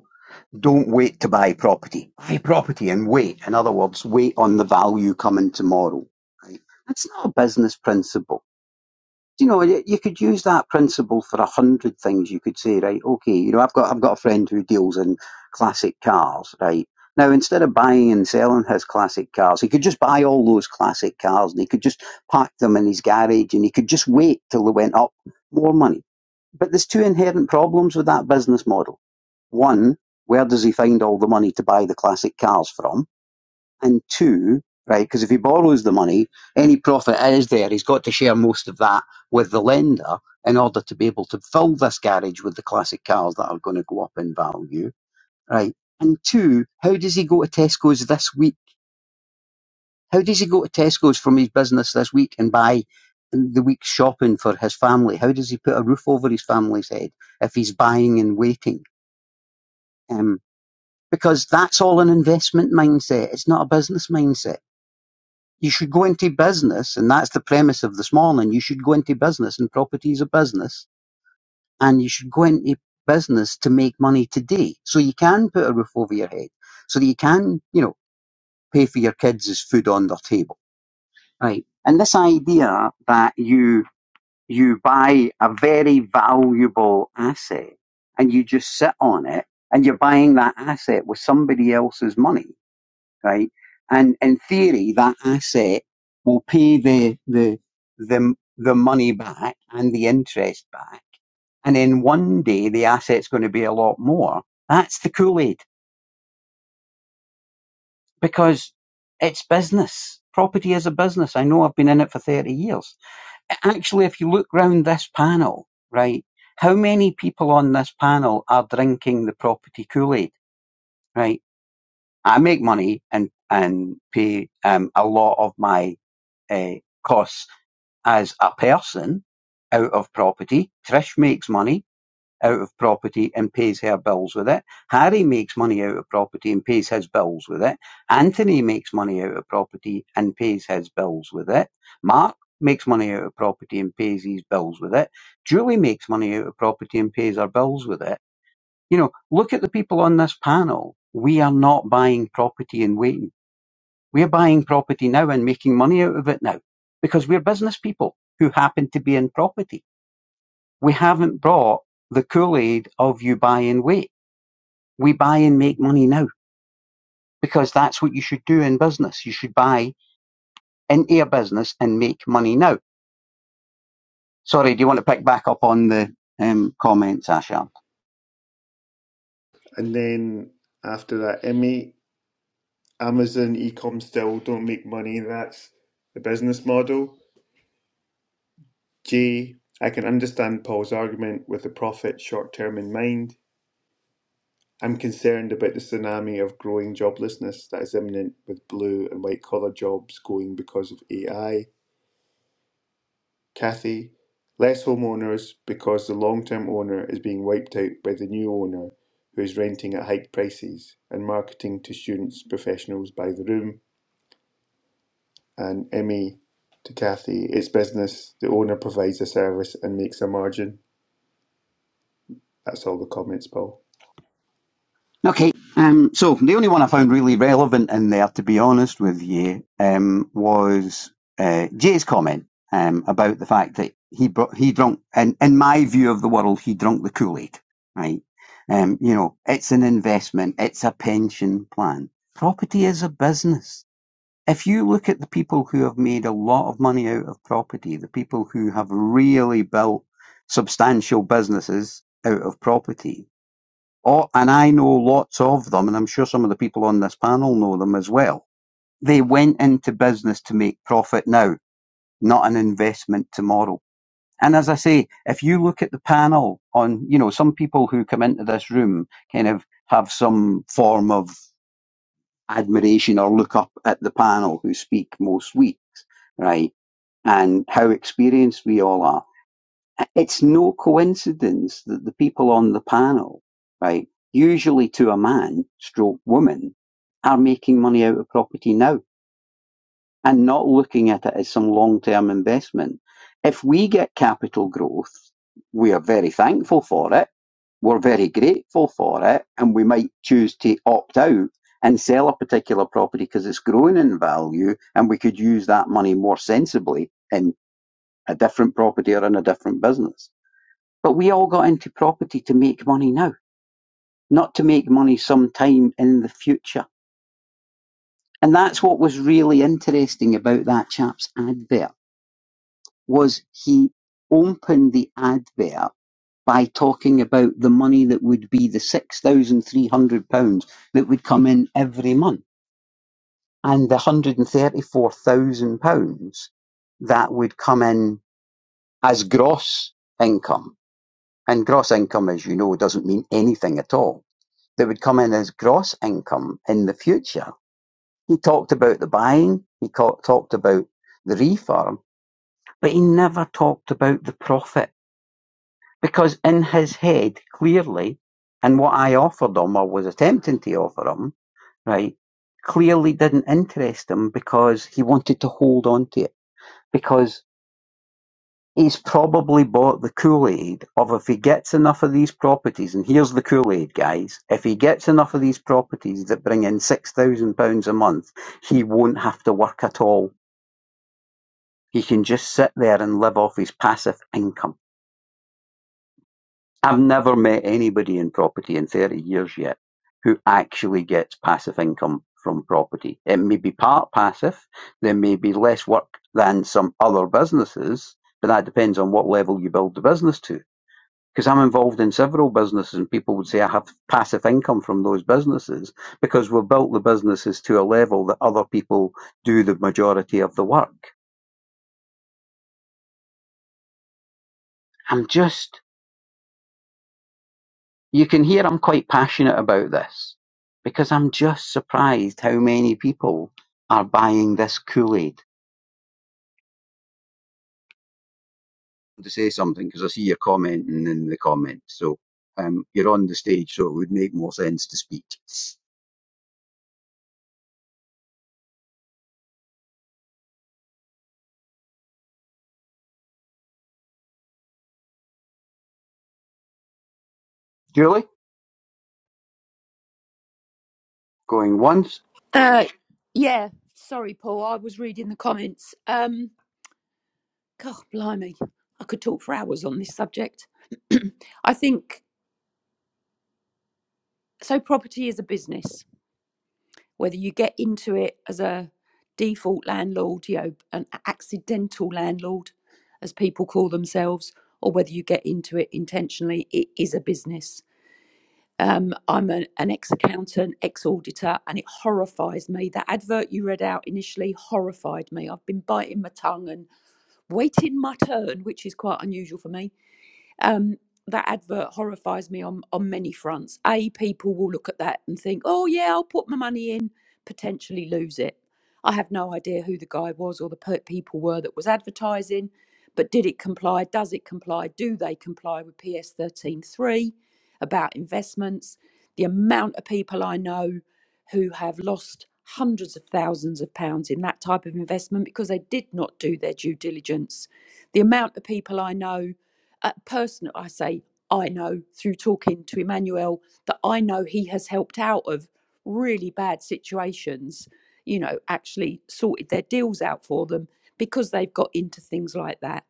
B: Don't wait to buy property. Buy property and wait. In other words, wait on the value coming tomorrow. Right? That's not a business principle you know, you could use that principle for a hundred things. You could say, right, okay, you know, I've got I've got a friend who deals in classic cars, right. Now, instead of buying and selling his classic cars, he could just buy all those classic cars and he could just park them in his garage and he could just wait till they went up more money. But there's two inherent problems with that business model. One, where does he find all the money to buy the classic cars from? And two, right, because if he borrows the money, any profit that is there, he's got to share most of that with the lender in order to be able to fill this garage with the classic cars that are going to go up in value, right? And two, how does he go to Tesco's this week? How does he go to Tesco's from his business this week and buy the week's shopping for his family? How does he put a roof over his family's head if he's buying and waiting? Um, because that's all an investment mindset. It's not a business mindset You should go into business, and that's the premise of this morning. You should go into business, and property is a business, and you should go into business to make money today, so you can put a roof over your head, so that you can, you know, pay for your kids' food on their table, right? And this idea that you you buy a very valuable asset and you just sit on it, and you're buying that asset with somebody else's money right? And in theory, that asset will pay the the the the money back and the interest back, and then one day the asset's going to be a lot more. That's the Kool Aid because it's business. Property is a business. I know I've been in it for thirty years. Actually, if you look round this panel, right, how many people on this panel are drinking the property Kool Aid, right? I make money and and pay um, a lot of my eh, costs as a person out of property. Trish makes money out of property and pays her bills with it. Harry makes money out of property and pays his bills with it. Anthony makes money out of property and pays his bills with it. Mark makes money out of property and pays his bills with it. Julie makes money out of property and pays her bills with it. You know, look at the people on this panel. We are not buying property and waiting we're buying property now and making money out of it now because we're business people who happen to be in property. We haven't brought the Kool-Aid of you buy and wait. We buy and make money now because that's what you should do in business. You should buy into a business and make money now. Sorry, do you want to pick back up on the um, comments, Ashard?
E: And then after that, Emmy, Amazon, e-com still don't make money. That's the business model. J. I can understand Paul's argument with the profit short term in mind. I'm concerned about the tsunami of growing joblessness that is imminent with blue and white collar jobs going because of AI. Kathy, less homeowners because the long term owner is being wiped out by the new owner who is renting at hiked prices and marketing to students, professionals by the room. And Emmy to Kathy, it's business. The owner provides a service and makes a margin. That's all the comments, Paul.
B: Okay, um, so the only one I found really relevant in there, to be honest with you, um, was uh, Jay's comment um, about the fact that he brought, he drunk, and in my view of the world, he drunk the Kool Aid, right? Um, you know, it's an investment, it's a pension plan. Property is a business. If you look at the people who have made a lot of money out of property, the people who have really built substantial businesses out of property, Oh, and I know lots of them, and I'm sure some of the people on this panel know them as well. They went into business to make profit now, not an investment tomorrow. And as I say, if you look at the panel on, you know, some people who come into this room kind of have some form of admiration or look up at the panel who speak most weeks, right? And how experienced we all are. It's no coincidence that the people on the panel, right, usually to a man stroke woman, are making money out of property now and not looking at it as some long term investment. If we get capital growth, we are very thankful for it. We're very grateful for it. And we might choose to opt out and sell a particular property because it's growing in value and we could use that money more sensibly in a different property or in a different business but we all got into property to make money now, not to make money sometime in the future. And that's what was really interesting about that chap's advert was he opened the advert by talking about the money that would be the six thousand three hundred pounds that would come in every month and the one hundred and thirty four thousand pounds that would come in as gross income. And gross income, as you know, doesn't mean anything at all that would come in as gross income in the future. He talked about the buying, he talked about the reform, but he never talked about the profit because in his head, clearly, and what I offered him or was attempting to offer him, right, clearly didn't interest him because he wanted to hold on to it because He's probably bought the Kool-Aid of if he gets enough of these properties, and here's the Kool-Aid, guys, if he gets enough of these properties that bring in £6,000 a month, he won't have to work at all. He can just sit there and live off his passive income. I've never met anybody in property in 30 years yet who actually gets passive income from property. It may be part passive, there may be less work than some other businesses, but that depends on what level you build the business to because I'm involved in several businesses and people would say I have passive income from those businesses because we've built the businesses to a level that other people do the majority of the work. I'm just, you can hear I'm quite passionate about this because I'm just surprised how many people are buying this Kool-Aid. To say something because I see you're commenting in the comments. So um, you're on the stage, so it would make more sense to speak. Julie, going once,
H: Uh, yeah, sorry, Paul. I was reading the comments. Um, God, blimey, I could talk for hours on this subject. (clears throat) I think so. Property is a business, whether you get into it as a default landlord, you know, an accidental landlord, as people call themselves, or whether you get into it intentionally, it is a business. Um, I'm an, an ex accountant, ex auditor, and it horrifies me. That advert you read out initially horrified me. I've been biting my tongue and waiting my turn, which is quite unusual for me um, that advert horrifies me on on many fronts. A, people will look at that and think, "Oh yeah, I'll put my money in, potentially lose it." I have no idea who the guy was or the pe- people were that was advertising, but did it comply? Does it comply? Do they comply with PS thirteen three? about investments. The amount of people I know who have lost hundreds of thousands of pounds in that type of investment because they did not do their due diligence. The amount of people I know, a person I say I know through talking to Emmanuel that I know he has helped out of really bad situations, you know, actually sorted their deals out for them because they've got into things like that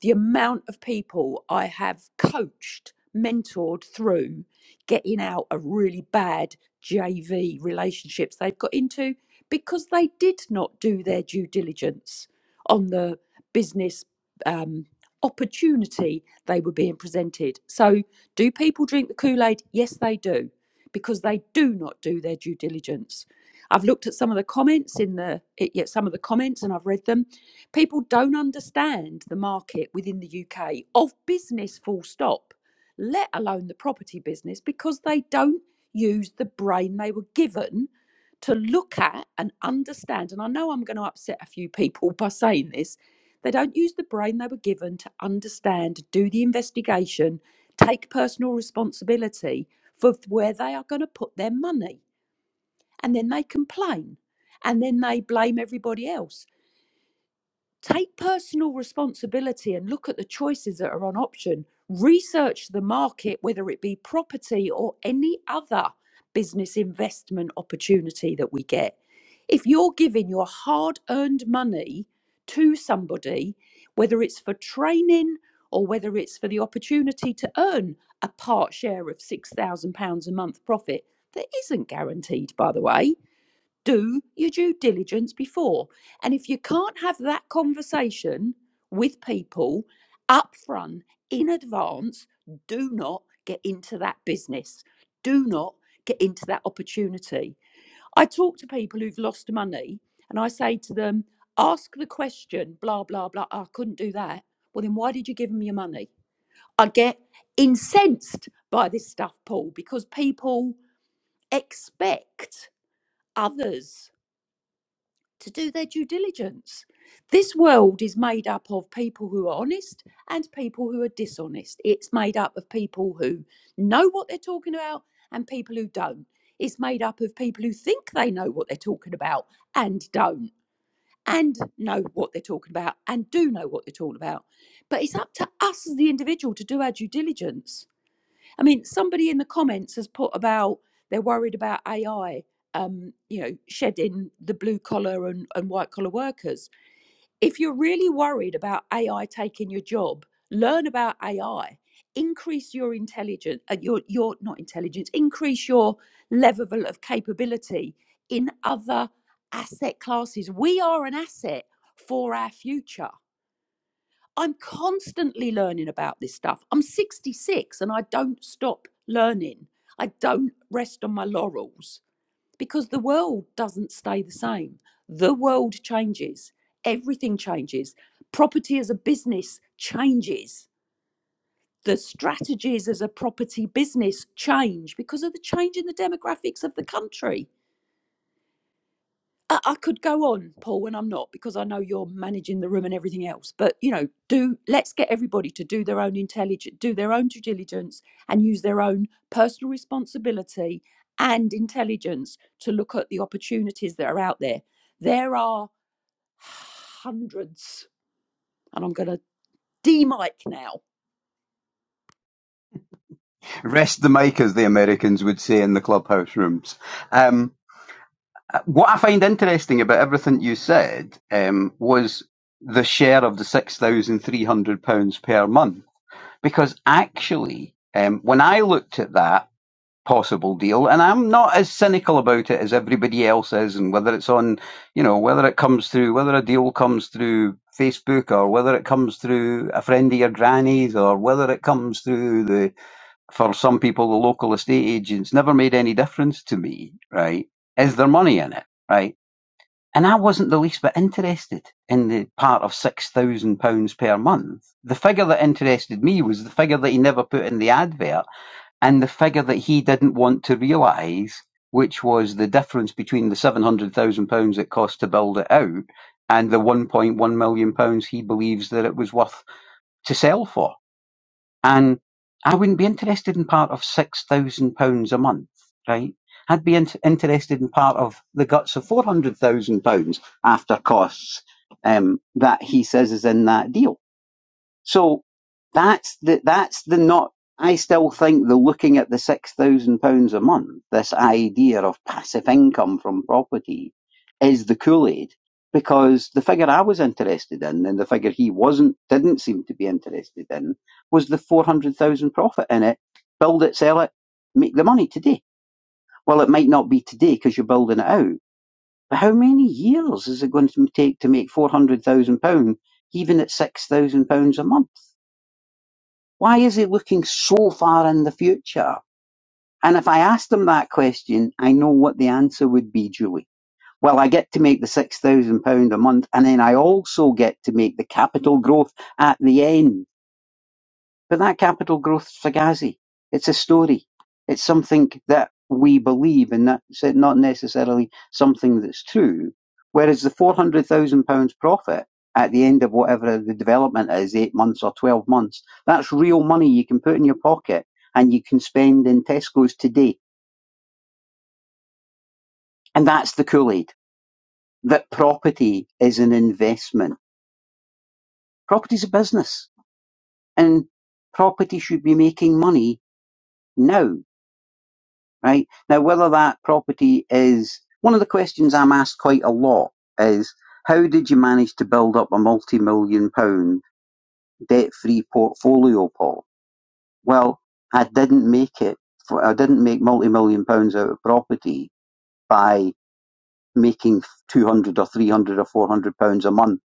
H: the amount of people I have coached, mentored through getting out of really bad JV relationships they've got into because they did not do their due diligence on the business um, opportunity they were being presented. So, do people drink the Kool Aid? Yes, they do, because they do not do their due diligence. I've looked at some of the comments in the, it- yeah, some of the comments and I've read them People don't understand the market within the UK of business, full stop, let alone the property business, because they don't use the brain they were given to look at and understand. And I know I'm going to upset a few people by saying this. They don't use the brain they were given to understand, do the investigation, take personal responsibility for where they are going to put their money. And then they complain. And then they blame everybody else Take personal responsibility and look at the choices that are on option. Research the market, whether it be property or any other business investment opportunity that we get. If you're giving your hard earned money to somebody, whether it's for training or whether it's for the opportunity to earn a part share of £6,000 a month profit, that isn't guaranteed, by the way do your due diligence before. And if you can't have that conversation with people up front in advance, do not get into that business. Do not get into that opportunity. I talk to people who've lost money and I say to them, ask the question, blah, blah, blah. "Oh, I couldn't do that. Well, then why did you give them your money? I get incensed by this stuff, Paul, because people expect others to do their due diligence. This world is made up of people who are honest and people who are dishonest. It's made up of people who know what they're talking about and people who don't. It's made up of people who think they know what they're talking about and don't, and know what they're talking about and do know what they're talking about. But it's up to us as the individual to do our due diligence I mean, somebody in the comments has put about they're worried about AI, um, you know, shedding the blue collar and, and white collar workers. If you're really worried about AI taking your job, learn about AI, increase your intelligence, uh, your your not intelligence, increase your level of capability in other asset classes. We are an asset for our future. I'm constantly learning about this stuff. I'm 66 and I don't stop learning. I don't rest on my laurels because the world doesn't stay the same. The world changes, everything changes. Property as a business changes. The strategies as a property business change because of the change in the demographics of the country I, I could go on, Paul, and I'm not because I know you're managing the room and everything else. But you know, do let's get everybody to do their own intelligence, do their own due diligence, and use their own personal responsibility and intelligence to look at the opportunities that are out there. There are hundreds, and I'm going to demic now
B: Rest the mic, as the Americans would say in the clubhouse rooms. Um, what I find interesting about everything you said um, was the share of the £6,300 per month. Because actually, um, when I looked at that possible deal, and I'm not as cynical about it as everybody else is, and whether it's on, you know, whether it comes through, whether a deal comes through Facebook or whether it comes through a friend of your granny's or whether it comes through the for some people, the local estate agents never made any difference to me, right? Is there money in it, right? And I wasn't the least bit interested in the part of £6,000 per month. The figure that interested me was the figure that he never put in the advert and the figure that he didn't want to realise, which was the difference between the £700,000 it cost to build it out and the £1.1 million pounds he believes that it was worth to sell for and I wouldn't be interested in part of six thousand pounds a month, right? I'd be in- interested in part of the guts of four hundred thousand pounds after costs um, that he says is in that deal. So that's the that's the not. I still think the looking at the six thousand pounds a month, this idea of passive income from property, is the Kool Aid because the figure I was interested in and the figure he wasn't didn't seem to be interested in was the four hundred thousand profit in it. Build it, sell it, make the money today. Well, it might not be today because you're building it out, but how many years is it going to take to make four hundred thousand pound, even at six thousand pounds a month? Why is he looking so far in the future? And if I asked him that question, I know what the answer would be, Julie. Well, I get to make the £6,000 a month, and then I also get to make the capital growth at the end. But that capital growth Fugazi, it's a story. It's something that we believe and that's it, not necessarily something that's true. Whereas the £400,000 profit at the end of whatever the development is, eight months or 12 months, that's real money you can put in your pocket and you can spend in Tesco's today. And that's the Kool Aid that property is an investment. Property's a business and property should be making money now right? Now, whether that property is one of the questions I'm asked quite a lot is how did you manage to build up a multi million pound debt free portfolio, Paul? Well, I didn't make it, for, I didn't make multi million pounds out of property by making 200 or 300 or 400 pounds a month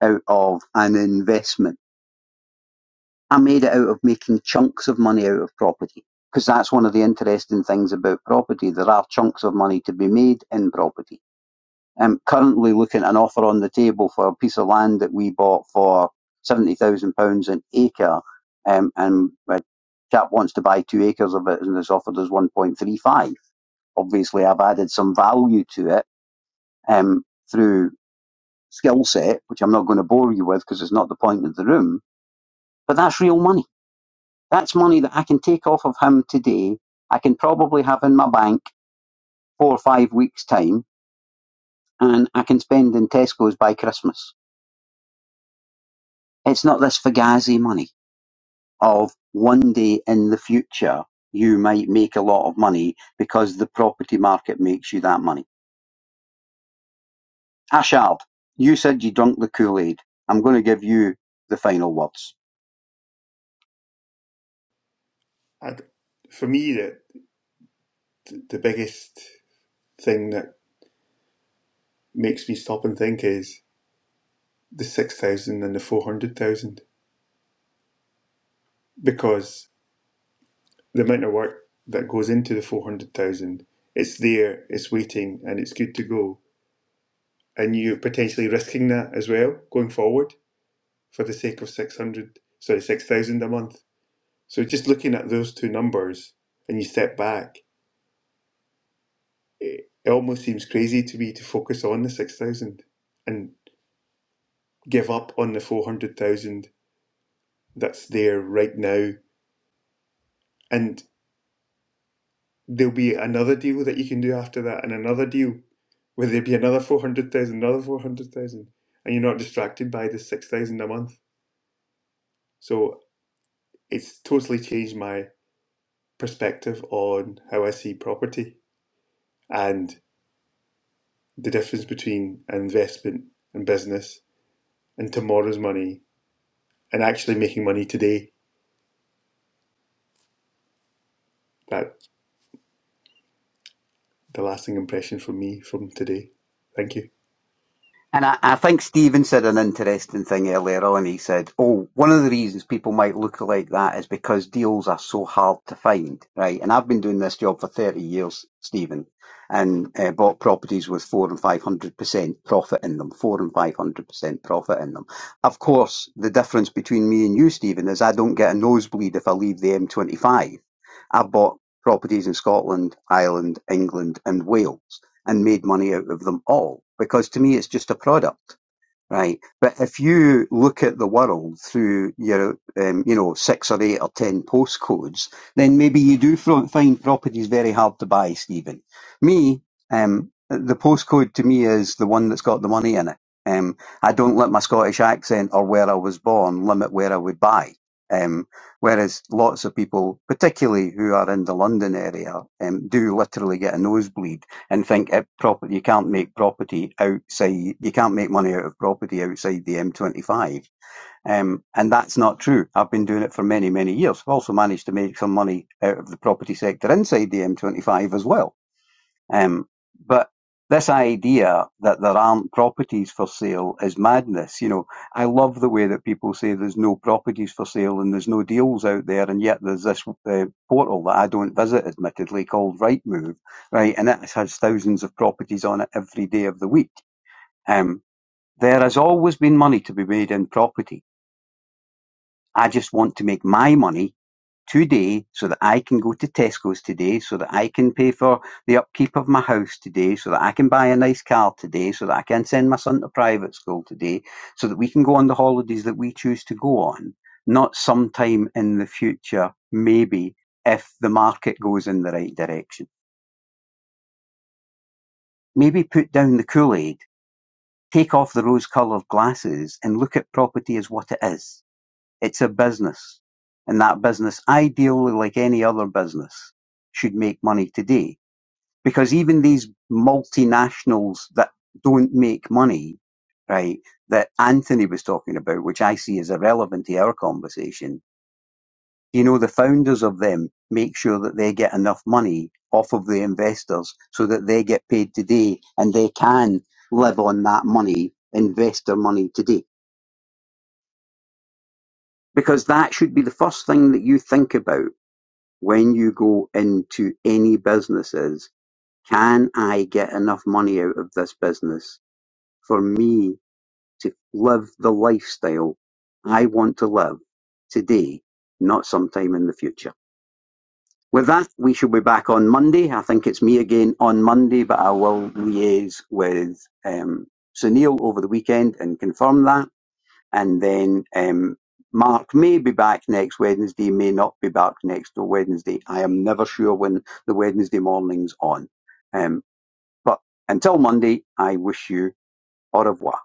B: out of an investment. I made it out of making chunks of money out of property because that's one of the interesting things about property. There are chunks of money to be made in property I'm currently looking at an offer on the table for a piece of land that we bought for seventy thousand pounds an acre, um, and a chap wants to buy two acres of it, and has offered us one point three five. Obviously, I've added some value to it um, through skill set, which I'm not going to bore you with because it's not the point of the room. But that's real money. That's money that I can take off of him today. I can probably have in my bank four or five weeks' time, and I can spend in Tesco's by Christmas It's not this fugazi money of one day in the future you might make a lot of money because the property market makes you that money. Ashard, you said you drunk the Kool-Aid. I'm going to give you the final words.
E: I'd, for me, the, the biggest thing that makes me stop and think is the 6,000 and the 400,000 because the amount of work that goes into the 400,000, it's there, it's waiting, and it's good to go. And you're potentially risking that as well going forward for the sake of 600, sorry, 6,000 a month. So just looking at those two numbers and you step back, it, it almost seems crazy to me to focus on the 6,000 and give up on the 400,000 that's there right now. And there'll be another deal that you can do after that, and another deal where there'll be another 400,000, another 400,000, and you're not distracted by the 6,000 a month. So it's totally changed my perspective on how I see property and the difference between investment and business and tomorrow's money and actually making money today. That the lasting impression for me from today. Thank you.
B: And I, I think Stephen said an interesting thing earlier on. He said, Oh, one of the reasons people might look like that is because deals are so hard to find, right? And I've been doing this job for 30 years, Stephen, and uh, bought properties with four and 500% profit in them, four and 500% profit in them. Of course, the difference between me and you, Stephen, is I don't get a nosebleed if I leave the M25. I I've bought properties in Scotland, Ireland, England, and Wales and made money out of them all because to me it's just a product right but if you look at the world through your um, you know six or eight or ten postcodes then maybe you do find properties very hard to buy stephen me um, the postcode to me is the one that's got the money in it um, i don't let my scottish accent or where i was born limit where i would buy um, whereas lots of people, particularly who are in the London area, um, do literally get a nosebleed and think it proper you can't make property outside you can't make money out of property outside the M25 um, and that's not true I've been doing it for many many years I've also managed to make some money out of the property sector inside the M25 as well um, but this idea that there aren't properties for sale is madness. You know, I love the way that people say there's no properties for sale and there's no deals out there, and yet there's this uh, portal that I don't visit, admittedly, called Rightmove, right? And it has thousands of properties on it every day of the week. Um, there has always been money to be made in property. I just want to make my money today so that I can go to Tesco's today, so that I can pay for the upkeep of my house today, so that I can buy a nice car today, so that I can send my son to private school today, so that we can go on the holidays that we choose to go on, not sometime in the future, maybe if the market goes in the right direction. Maybe put down the Kool Aid, take off the rose coloured glasses, and look at property as what it is. It's a business, and that business, ideally like any other business, should make money today. Because even these multinationals that don't make money, right, that Anthony was talking about, which I see as irrelevant to our conversation, you know, the founders of them make sure that they get enough money off of the investors so that they get paid today and they can live on that money, invest their money today. Because that should be the first thing that you think about When you go into any businesses, can I get enough money out of this business for me to live the lifestyle I want to live today, not sometime in the future? With that, we should be back on Monday. I think it's me again on Monday, but I will liaise with um, Sunil over the weekend and confirm that and then um, Mark may be back next Wednesday, may not be back next Wednesday. I am never sure when the Wednesday morning's on. Um, but until Monday, I wish you au revoir.